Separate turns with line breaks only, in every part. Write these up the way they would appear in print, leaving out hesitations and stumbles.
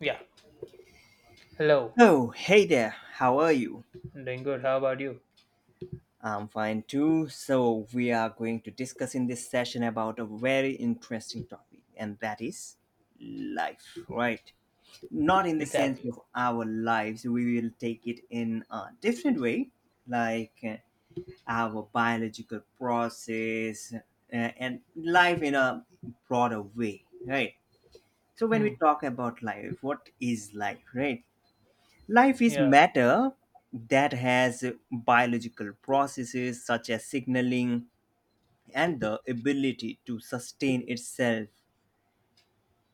Yeah. Hello.
Oh, hey there. How are you?
I'm doing good. How about you?
I'm fine too. So, we are going to discuss in this session about a very interesting topic, and that is life, right? Not in the sense
Exactly.
of our lives, we will take it in a different way, like our biological process and life in a broader way, right? So, when
Hmm.
we talk about life, what is life, right? Life is
Yeah.
matter that has biological processes such as signaling and the ability to sustain itself.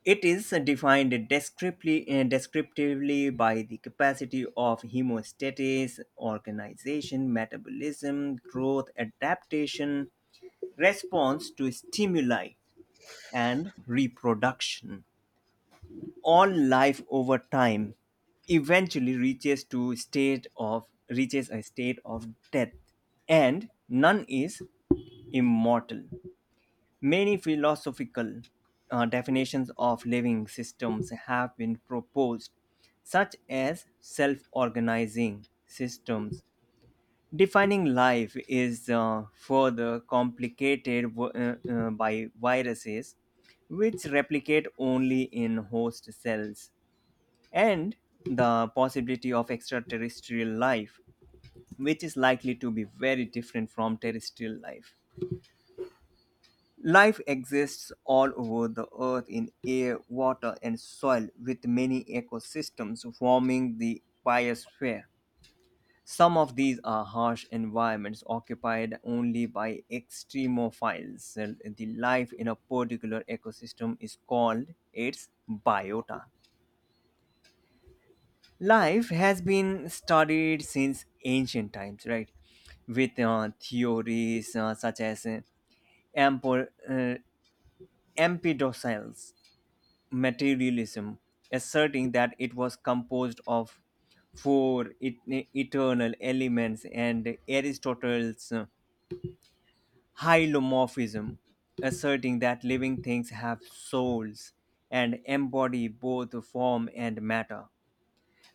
It is defined descriptively by the capacity of hemostasis, organization, metabolism, growth, adaptation, response to stimuli, and reproduction. On life over time eventually reaches to state of reaches a state of death, and none is immortal. Many philosophical definitions of living systems have been proposed, such as self-organizing systems. Defining life is further complicated by viruses, which replicate only in host cells, and the possibility of extraterrestrial life, which is likely to be very different from terrestrial life. Life exists all over the earth in air, water, and soil, with many ecosystems forming the biosphere. Some of these are harsh environments occupied only by extremophiles. The life in a particular ecosystem is called its biota. Life has been studied since ancient times, right? With theories such as empo- uh, empedocles, materialism, asserting that it was composed of eternal elements, and Aristotle's hylomorphism, asserting that living things have souls and embody both form and matter.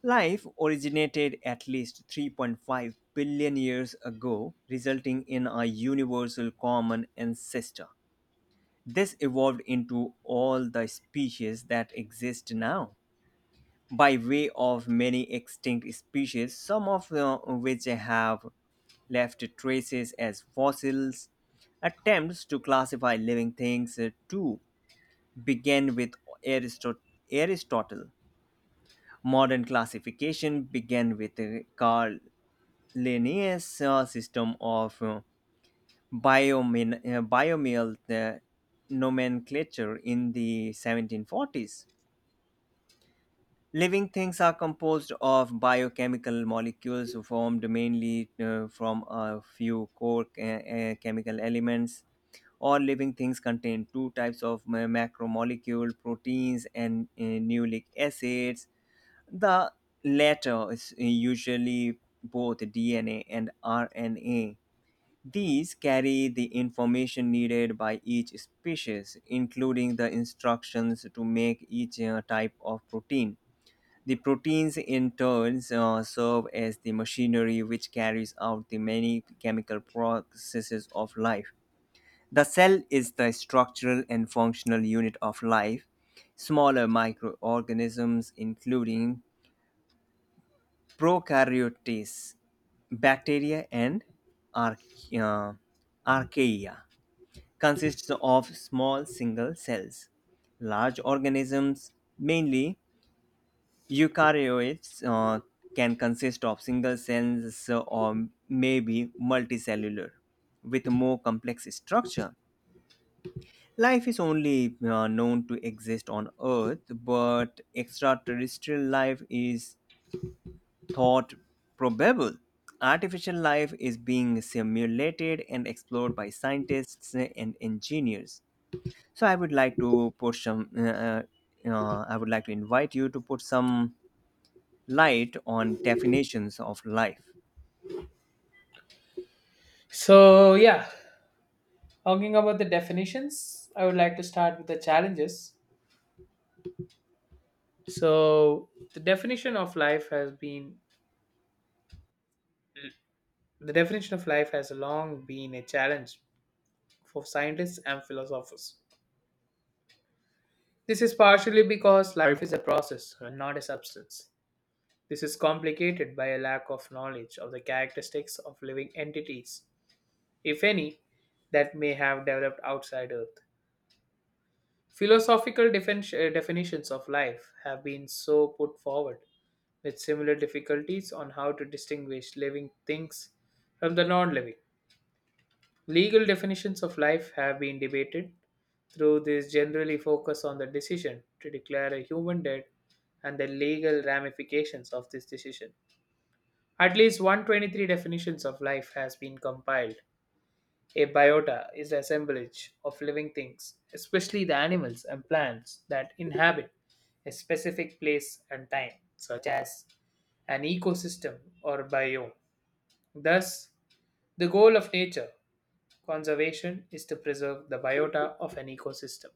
Life originated at least 3.5 billion years ago, resulting in a universal common ancestor. This evolved into all the species that exist now, by way of many extinct species, some of which have left traces as fossils. Attempts to classify living things too began with Aristo- Aristotle. Modern classification began with Carl Linnaeus' system of binomial nomenclature in the 1740s. Living things are composed of biochemical molecules formed mainly from a few core chemical elements. All living things contain two types of macromolecule proteins and nucleic acids. The latter is usually both DNA and RNA. These carry the information needed by each species, including the instructions to make each type of protein. The proteins, in turn, serve as the machinery which carries out the many chemical processes of life. The cell is the structural and functional unit of life. Smaller microorganisms, including prokaryotes, bacteria, and arch- uh, archaea, consists of small single cells. Large organisms, mainly eukaryotes, can consist of single cells or maybe multicellular with more complex structure. Life is only known to exist on Earth, but extraterrestrial life is thought probable. Artificial life is being simulated and explored by scientists and engineers. So I would like to put some. I would like to invite you to put some light on definitions of life.
So yeah, talking about the definitions, I would like to start with the challenges. So the definition of life has long been a challenge for scientists and philosophers. This is partially because life is a process and not a substance. This is complicated by a lack of knowledge of the characteristics of living entities, if any, that may have developed outside Earth. Philosophical definitions of life have been so put forward, with similar difficulties on how to distinguish living things from the non living. Legal definitions of life have been debated, though these generally focus on the decision to declare a human dead and the legal ramifications of this decision. At least 123 definitions of life has been compiled. A biota is the assemblage of living things, especially the animals and plants that inhabit a specific place and time, such as an ecosystem or biome. Thus, the goal of nature conservation is to preserve the biota of an ecosystem.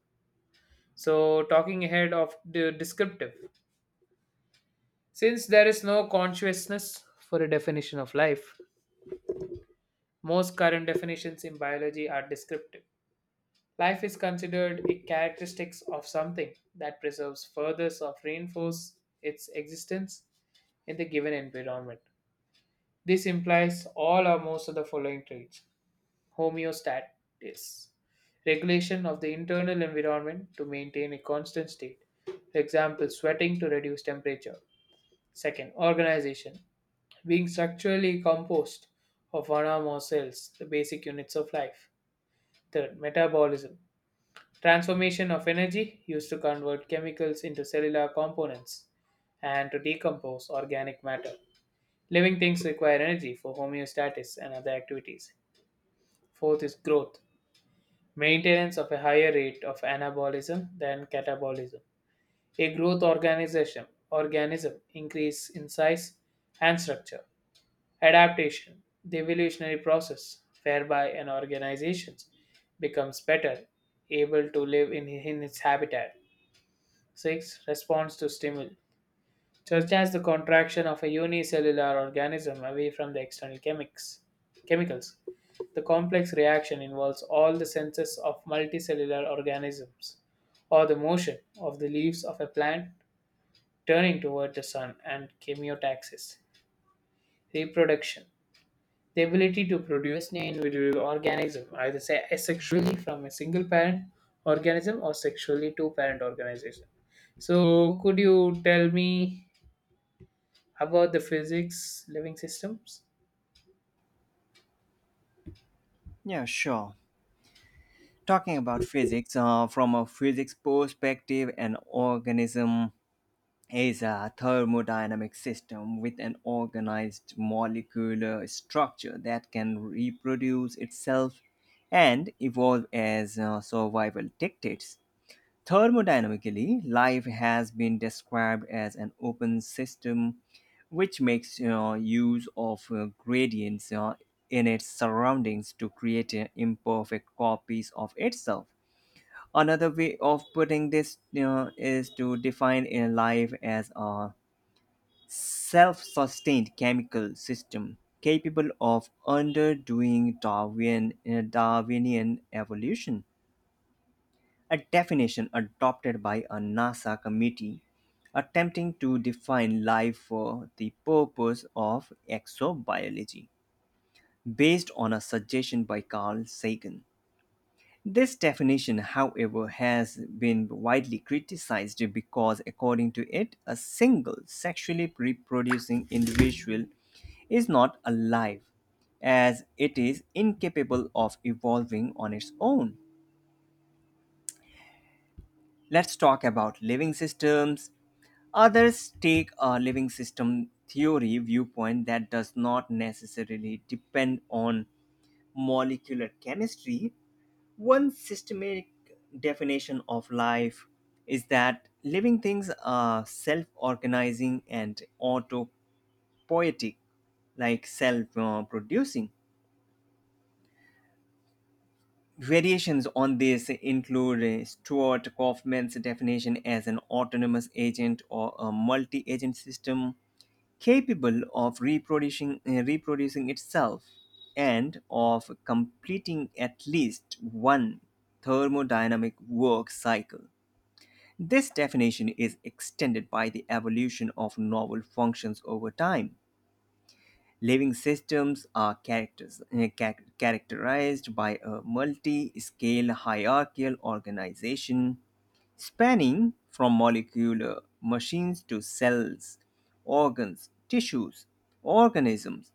So, talking ahead of the descriptive, since there is no consciousness for a definition of life, most current definitions in biology are descriptive. Life is considered a characteristic of something that preserves further or reinforces its existence in the given environment. This implies all or most of the following traits. Homeostasis, regulation of the internal environment to maintain a constant state. For example, sweating to reduce temperature. Second, organization, being structurally composed of one or more cells, the basic units of life. Third, metabolism, transformation of energy used to convert chemicals into cellular components and to decompose organic matter. Living things require energy for homeostasis and other activities. Fourth is growth, maintenance of a higher rate of anabolism than catabolism. A growth organization organism increase in size and structure. Adaptation, the evolutionary process whereby an organization becomes better able to live in its habitat. Six, response to stimuli, such as the contraction of a unicellular organism away from the external chemicals. The complex reaction involves all the senses of multicellular organisms, or the motion of the leaves of a plant turning toward the sun and chemiotaxis. Reproduction. The ability to produce an individual organism, either say asexually from a single parent organism or sexually two parent organization. So, could you tell me about the physics living systems?
Yeah, sure. Talking about physics, from a physics perspective, an organism is a thermodynamic system with an organized molecular structure that can reproduce itself and evolve as survival dictates. Thermodynamically, life has been described as an open system which makes, you know, use of gradients in its surroundings to create imperfect copies of itself. Another way of putting this, you know, is to define a life as a self sustained chemical system capable of underdoing Darwinian evolution, a definition adopted by a NASA committee attempting to define life for the purpose of exobiology, based on a suggestion by Carl Sagan. This definition, however, has been widely criticized because, according to it, a single sexually reproducing individual is not alive, as it is incapable of evolving on its own. Let's talk about living systems. Others take a living system theory viewpoint that does not necessarily depend on molecular chemistry. One systematic definition of life is that living things are self organizing and autopoietic, like self producing. Variations on this include Stuart Kaufman's definition as an autonomous agent or a multi agent system capable of reproducing itself and of completing at least one thermodynamic work cycle. This definition is extended by the evolution of novel functions over time. Living systems are characterized by a multi scale hierarchical organization spanning from molecular machines to cells, organs, tissues, organisms,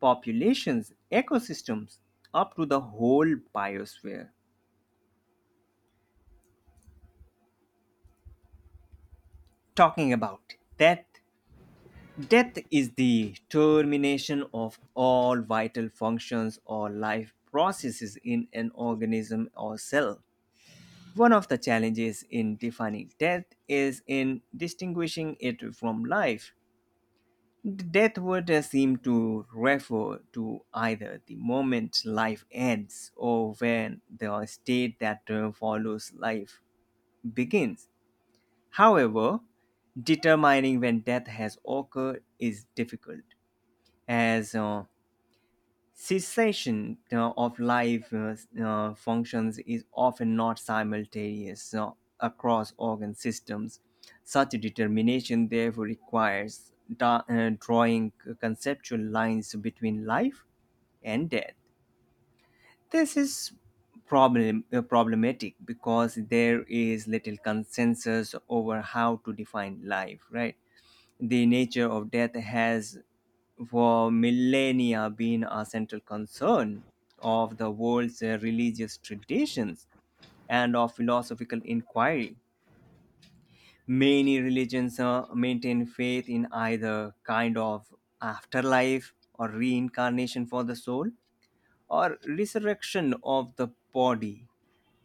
populations, ecosystems, up to the whole biosphere. Talking about death, death is the termination of all vital functions or life processes in an organism or cell. One of the challenges in defining death is in distinguishing it from life. Death would seem to refer to either the moment life ends or when the state that follows life begins. However, determining when death has occurred is difficult as cessation of life functions is often not simultaneous across organ systems. Such a determination therefore requires drawing conceptual lines between life and death. This is problematic because there is little consensus over how to define life, right? The nature of death has for millennia been a central concern of the world's religious traditions and of philosophical inquiry. Many religions maintain faith in either kind of afterlife or reincarnation for the soul or resurrection of the body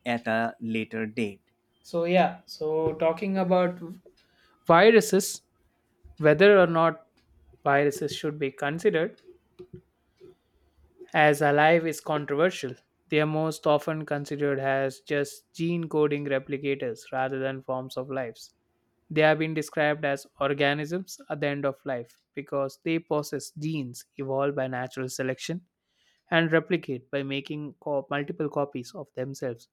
at a later date.
So yeah, so talking about viruses, whether or not viruses should be considered as alive is controversial. They are most often considered as just gene coding replicators rather than forms of lives. They have been described as organisms at the end of life because they possess genes evolved by natural selection and replicate by making multiple copies of themselves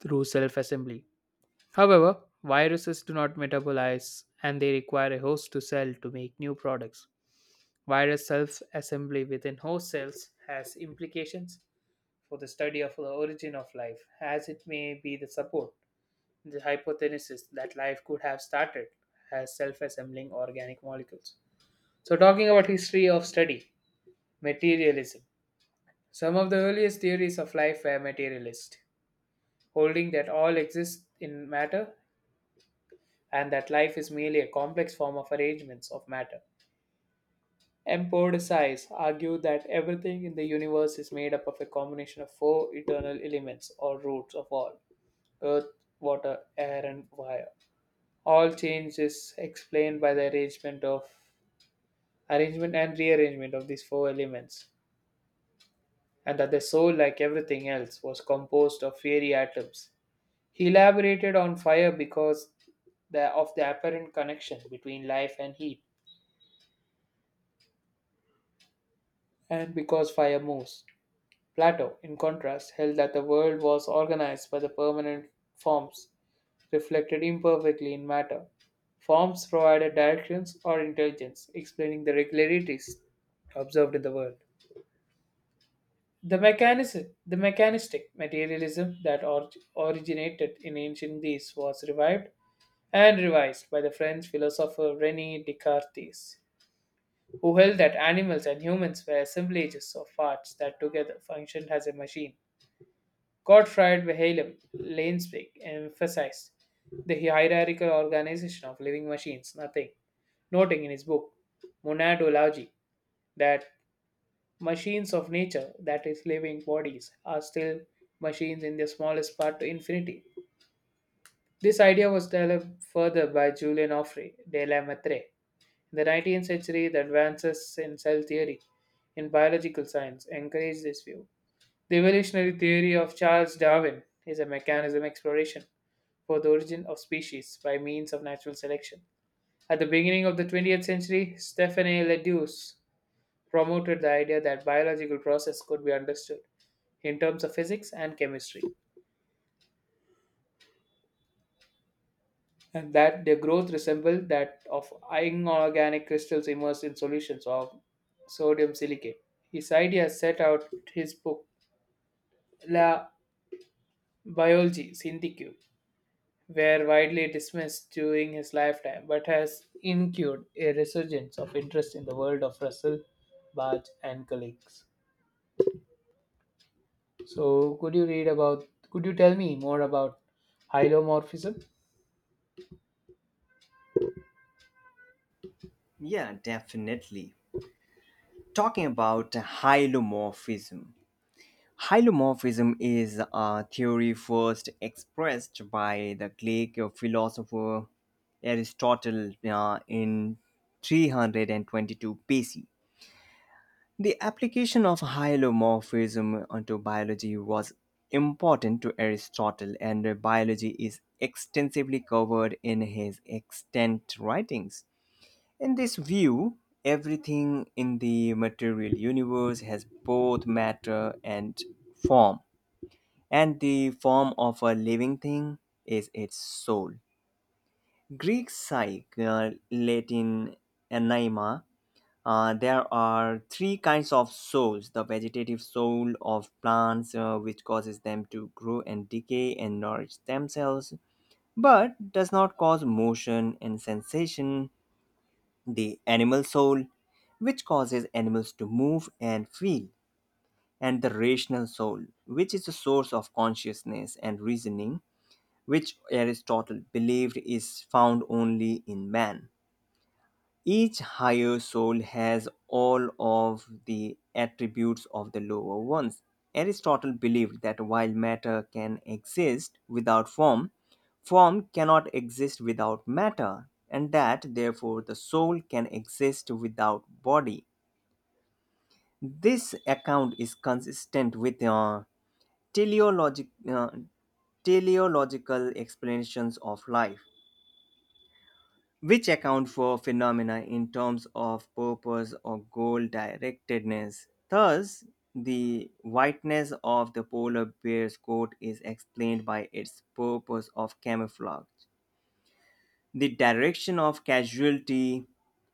through self assembly. However, viruses do not metabolize and they require a host to cell to make new products. Virus self assembly within host cells has implications for the study of the origin of life, as it may be the hypothesis that life could have started as self assembling organic molecules. So, talking about history of study, materialism. Some of the earliest theories of life were materialist, holding that all exists in matter and that life is merely a complex form of arrangements of matter. Empedocles argued that everything in the universe is made up of a combination of four eternal elements or roots of all: earth, water, air, and fire. All change is explained by the arrangement of arrangement and rearrangement of these four elements, and that the soul, like everything else, was composed of fiery atoms. He elaborated on fire because of the apparent connection between life and heat and because fire moves. Plato, in contrast, held that the world was organized by the permanent forms, reflected imperfectly in matter. Forms provided directions or intelligence, explaining the regularities observed in the world. The the mechanistic materialism that originated in ancient Greece was revived and revised by the French philosopher René Descartes, who held that animals and humans were assemblages of parts that together functioned as a machine. Gottfried Wilhelm Leibniz emphasized the hierarchical organization of living machines, nothing, noting in his book Monadology that machines of nature, that is, living bodies, are still machines in their smallest part to infinity. This idea was developed further by Julien Offray de la Mettrie. In the 19th century, the advances in cell theory in biological science encouraged this view. The evolutionary theory of Charles Darwin is a mechanism exploration for the origin of species by means of natural selection. At the beginning of the 20th century, Stephane Leduc promoted the idea that biological process could be understood in terms of physics and chemistry, and that their growth resembled that of inorganic crystals immersed in solutions of sodium silicate. His idea set out his book La Biologie Syndique, were widely dismissed during his lifetime, but has incurred a resurgence of interest in the world of Russell, Barge, and colleagues. So, could you read about? Could you tell me more about hylomorphism?
Yeah, definitely. Talking about hylomorphism, hylomorphism is a theory first expressed by the Greek philosopher Aristotle in 322 BC. The application of hylomorphism onto biology was important to Aristotle, and biology is extensively covered in his extant writings. In this view, everything in the material universe has both matter and form, and the form of a living thing is its soul. Greek psyche, Latin anima. There are three kinds of souls: the vegetative soul of plants, which causes them to grow and decay and nourish themselves, but does not cause motion and sensation. The animal soul, which causes animals to move and feel, and the rational soul, which is the source of consciousness and reasoning, which Aristotle believed is found only in man. Each higher soul has all of the attributes of the lower ones. Aristotle believed that while matter can exist without form, form cannot exist without matter, and that therefore the soul can exist without body. This account is consistent with teleologic, uh, teleological explanations of life, which account for phenomena in terms of purpose or goal directedness. Thus, the whiteness of the polar bear's coat is explained by its purpose of camouflage. The direction of casualty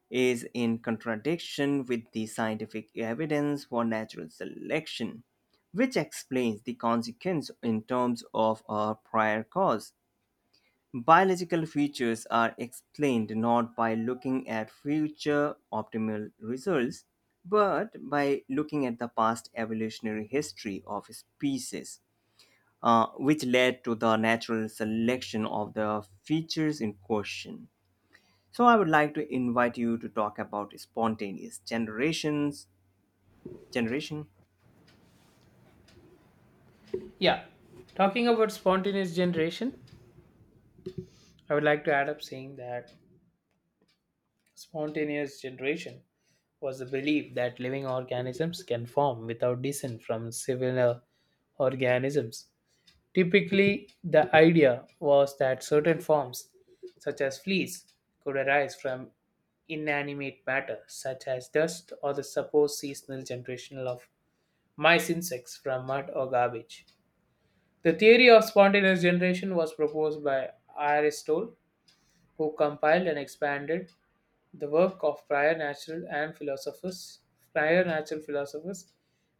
is in contradiction with the scientific evidence for natural selection, which explains the consequence in terms of a prior cause. Biological features are explained not by looking at future optimal results, but by looking at the past evolutionary history of species, which led to the natural selection of the features in question. So, I would like to invite you to talk about spontaneous generation.
Yeah, talking about spontaneous generation, I would like to add up saying that spontaneous generation was the belief that living organisms can form without descent from similar organisms. Typically, the idea was that certain forms, such as fleas, could arise from inanimate matter, such as dust or the supposed seasonal generation of mice insects from mud or garbage. The theory of spontaneous generation was proposed by Aristotle, who compiled and expanded the work of prior natural philosophers,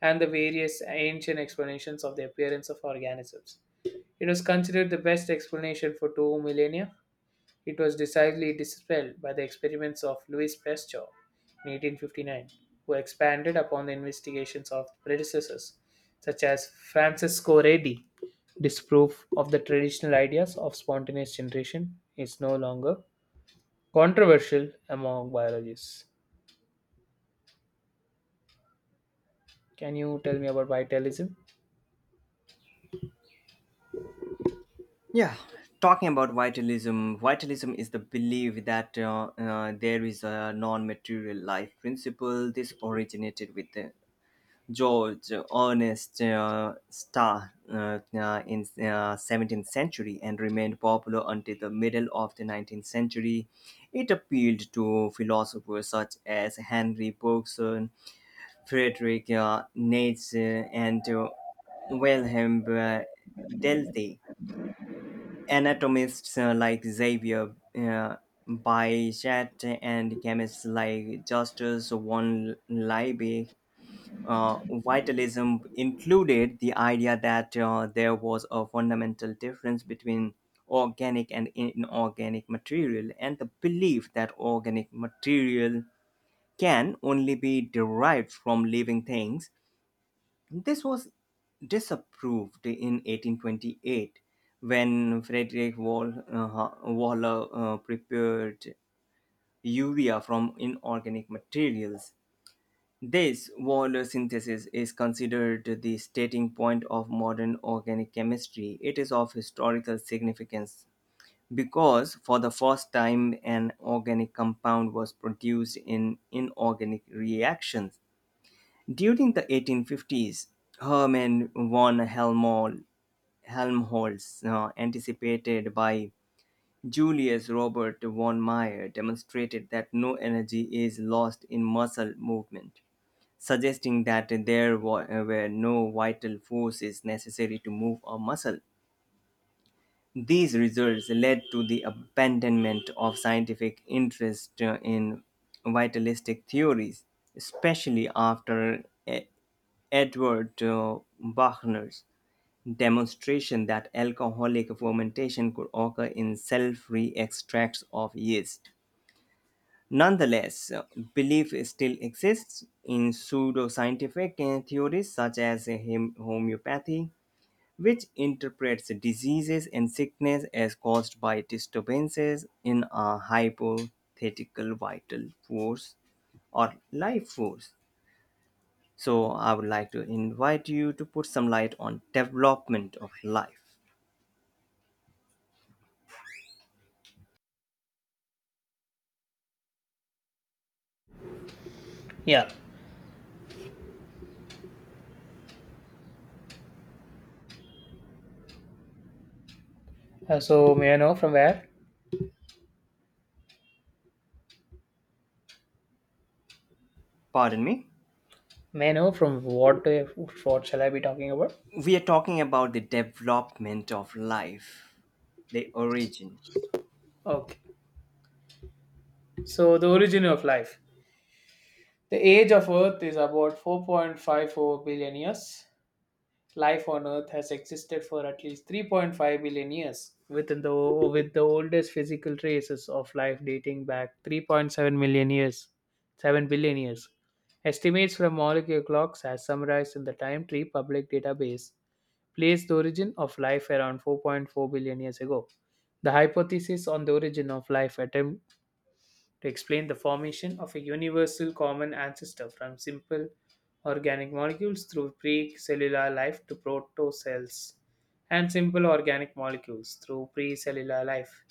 and the various ancient explanations of the appearance of organisms. It was considered the best explanation for two millennia. It was decisively dispelled by the experiments of Louis Pasteur in 1859, who expanded upon the investigations of predecessors such as Francesco Redi. Disproof of the traditional ideas of spontaneous generation is no longer controversial among biologists. Can you tell me about vitalism?
Yeah, talking about vitalism, vitalism is the belief that there is a non material life principle. This originated with George Ernest Starr in 17th century and remained popular until the middle of the 19th century. It appealed to philosophers such as Henry Bergson, Friedrich Nietzsche, and Wilhelm Delty, anatomists like Xavier Bichat, and chemists like Justus von Liebig. Uh, Vitalism included the idea that there was a fundamental difference between organic and inorganic material, and the belief that organic material can only be derived from living things. This was disapproved in 1828 when Frederick Waller prepared urea from inorganic materials. This Waller synthesis is considered the starting point of modern organic chemistry. It is of historical significance because for the first time an organic compound was produced in inorganic reactions. During the 1850s, Hermann von Helmholtz, anticipated by Julius Robert von Meyer, demonstrated that no energy is lost in muscle movement, suggesting that there were no vital forces necessary to move a muscle. These results led to the abandonment of scientific interest in vitalistic theories, especially after Edward Buchner's demonstration that alcoholic fermentation could occur in cell-free extracts of yeast. Nonetheless, belief still exists in pseudoscientific theories such as homeopathy, which interprets diseases and sickness as caused by disturbances in a hypothetical vital force or life force. So I would like to invite you to put some light on development of life.
Yeah. So may I know from where?
Pardon me.
May I know from what? What shall I be talking about?
We are talking about the development of life, the origin.
Okay. So, the origin of life. The age of Earth is about 4.54 billion years. Life on Earth has existed for at least 3.5 billion years, with the oldest physical traces of life dating back 3.7 million years, 7 billion years. Estimates from molecular clocks, as summarized in the Time Tree public database, place the origin of life around 4.4 billion years ago. The hypothesis on the origin of life attempt to explain the formation of a universal common ancestor from simple organic molecules through pre-cellular life to protocells and simple organic molecules through pre-cellular life.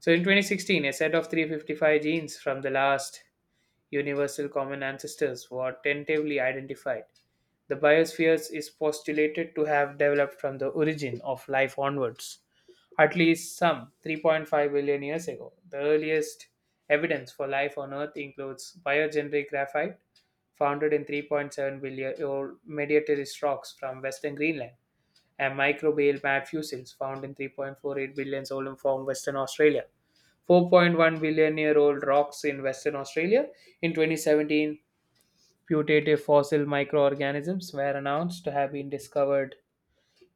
So in 2016, a set of 355 genes from the last universal common ancestors were tentatively identified. The biosphere is postulated to have developed from the origin of life onwards, at least some 3.5 billion years ago. The earliest evidence for life on Earth includes biogenetic graphite, founded in 3.7 billion year old Mediterranean rocks from western Greenland, and microbial mat fossils found in 3.48 billion years old from western Australia. 4.1 billion year old rocks in western Australia in 2017. Putative fossil microorganisms were announced to have been discovered.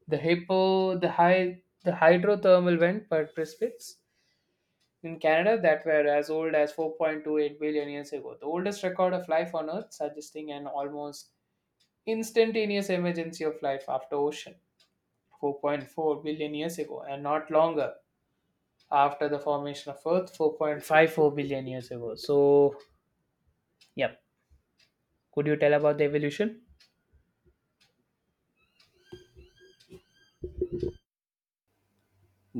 The hippo, the, hy- the hydrothermal vent perspics in Canada that were as old as 4.28 billion years ago, the oldest record of life on Earth, suggesting an almost instantaneous emergency of life after ocean 4.4 billion years ago and not longer after the formation of Earth 4.54 billion years ago. So, yep. Could you tell about the evolution?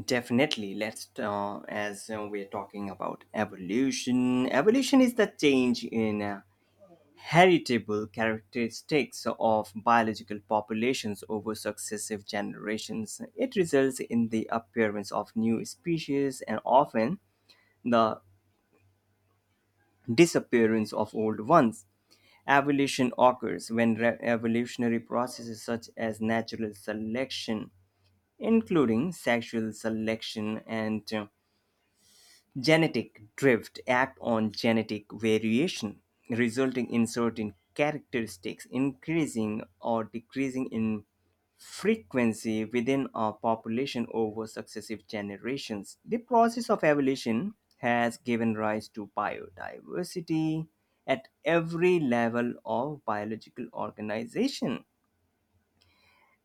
Definitely, let's as we're talking about evolution. Evolution is the change in heritable characteristics of biological populations over successive generations. It results in the appearance of new species and often the disappearance of old ones. Evolution occurs when evolutionary processes such as natural selection, including sexual selection and genetic drift act on genetic variation, resulting in certain characteristics increasing or decreasing in frequency within a population over successive generations. The process of evolution has given rise to biodiversity at every level of biological organization.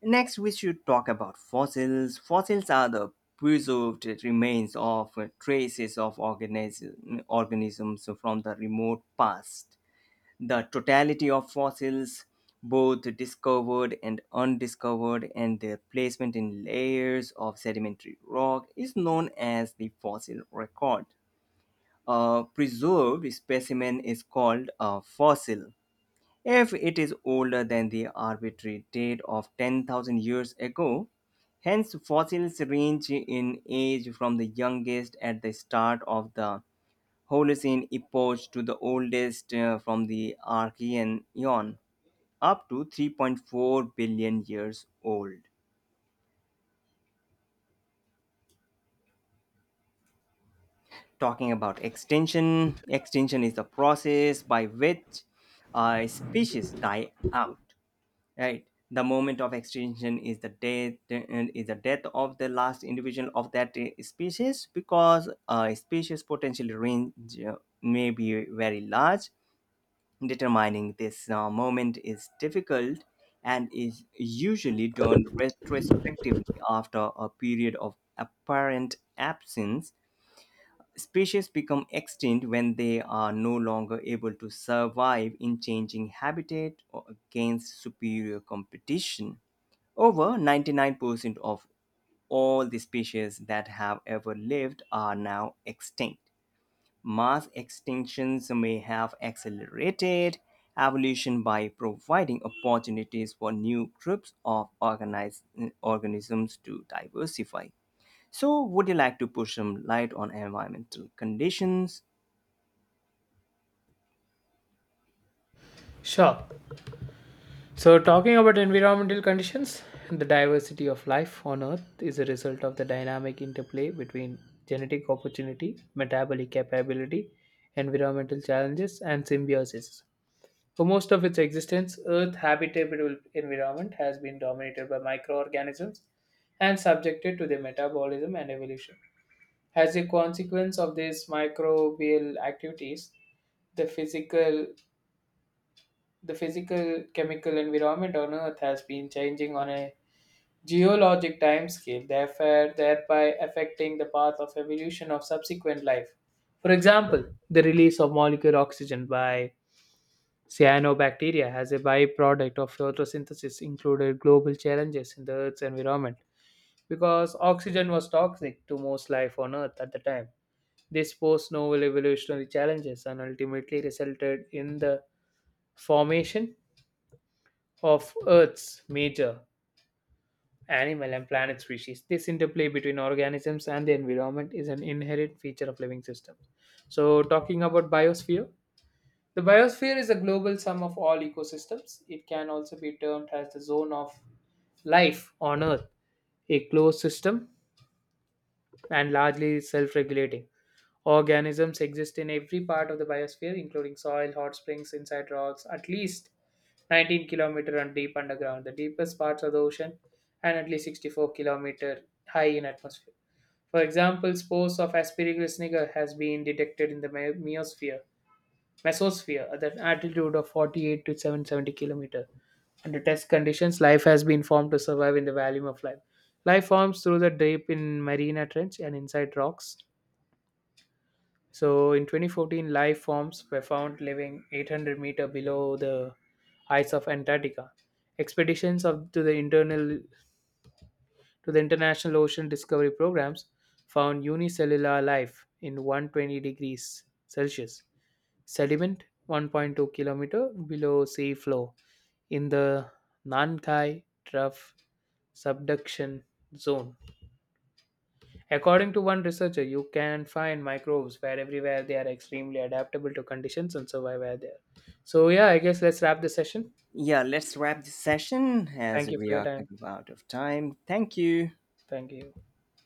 Next, we should talk about fossils. Fossils are the preserved remains of organisms from the remote past. The totality of fossils, both discovered and undiscovered, and their placement in layers of sedimentary rock, is known as the fossil record. A preserved specimen is called a fossil if it is older than the arbitrary date of 10,000 years ago. Hence, fossils range in age from the youngest at the start of the Holocene epoch to the oldest from the Archean eon, up to 3.4 billion years old. Talking about extinction, extinction is the process by which a species die out. Right. The moment of extinction is the death of the last individual of that species, because a species potential range uh, may be very large. Determining this moment is difficult and is usually done retrospectively after a period of apparent absence. Species become extinct when they are no longer able to survive in changing habitat or against superior competition. Over 99% of all the species that have ever lived are now extinct. Mass extinctions may have accelerated evolution by providing opportunities for new groups of organized organisms to diversify. So, would you like to put some light on environmental conditions?
Sure. So, talking about environmental conditions, the diversity of life on Earth is a result of the dynamic interplay between genetic opportunity, metabolic capability, environmental challenges, and symbiosis. For most of its existence, Earth's habitable environment has been dominated by microorganisms and subjected to their metabolism and evolution. As a consequence of these microbial activities, the physical the physical chemical environment on earth has been changing on a geologic timescale, therefore, thereby affecting the path of evolution of subsequent life. For example, the release of molecular oxygen by cyanobacteria as a byproduct of photosynthesis included global challenges in the Earth's environment because oxygen was toxic to most life on Earth at the time. This posed novel evolutionary challenges and ultimately resulted in the formation of Earth's major animal and planet species. This interplay between organisms and the environment is an inherent feature of living systems. So, talking about biosphere, the biosphere is a global sum of all ecosystems. It can also be termed as the zone of life on Earth, a closed system and largely self regulating. Organisms exist in every part of the biosphere, including soil, hot springs, inside rocks, at least 19 kilometer and deep underground, the deepest parts of the ocean, and at least 64-kilometer high in atmosphere. For example, spores of Aspergillus niger has been detected in the mesosphere at an altitude of 48 to 770 kilometer. Under test conditions, life has been formed to survive in the volume of life. Life forms through the drape in marina trench and inside rocks so in 2014, life forms were found living 800-meter below the ice of Antarctica. Expeditions of, to the internal to the International Ocean Discovery Programs found unicellular life in 120 degrees Celsius sediment 1.2-kilometer below sea floor in the Nankai Trough subduction zone. According to one researcher, you can find microbes where everywhere they are extremely adaptable to conditions and survive where they are. So yeah, I guess let's wrap the session.
Yeah, let's wrap this session as
Thank you
we
for your
are
time.
out of time. Thank you.
Thank you.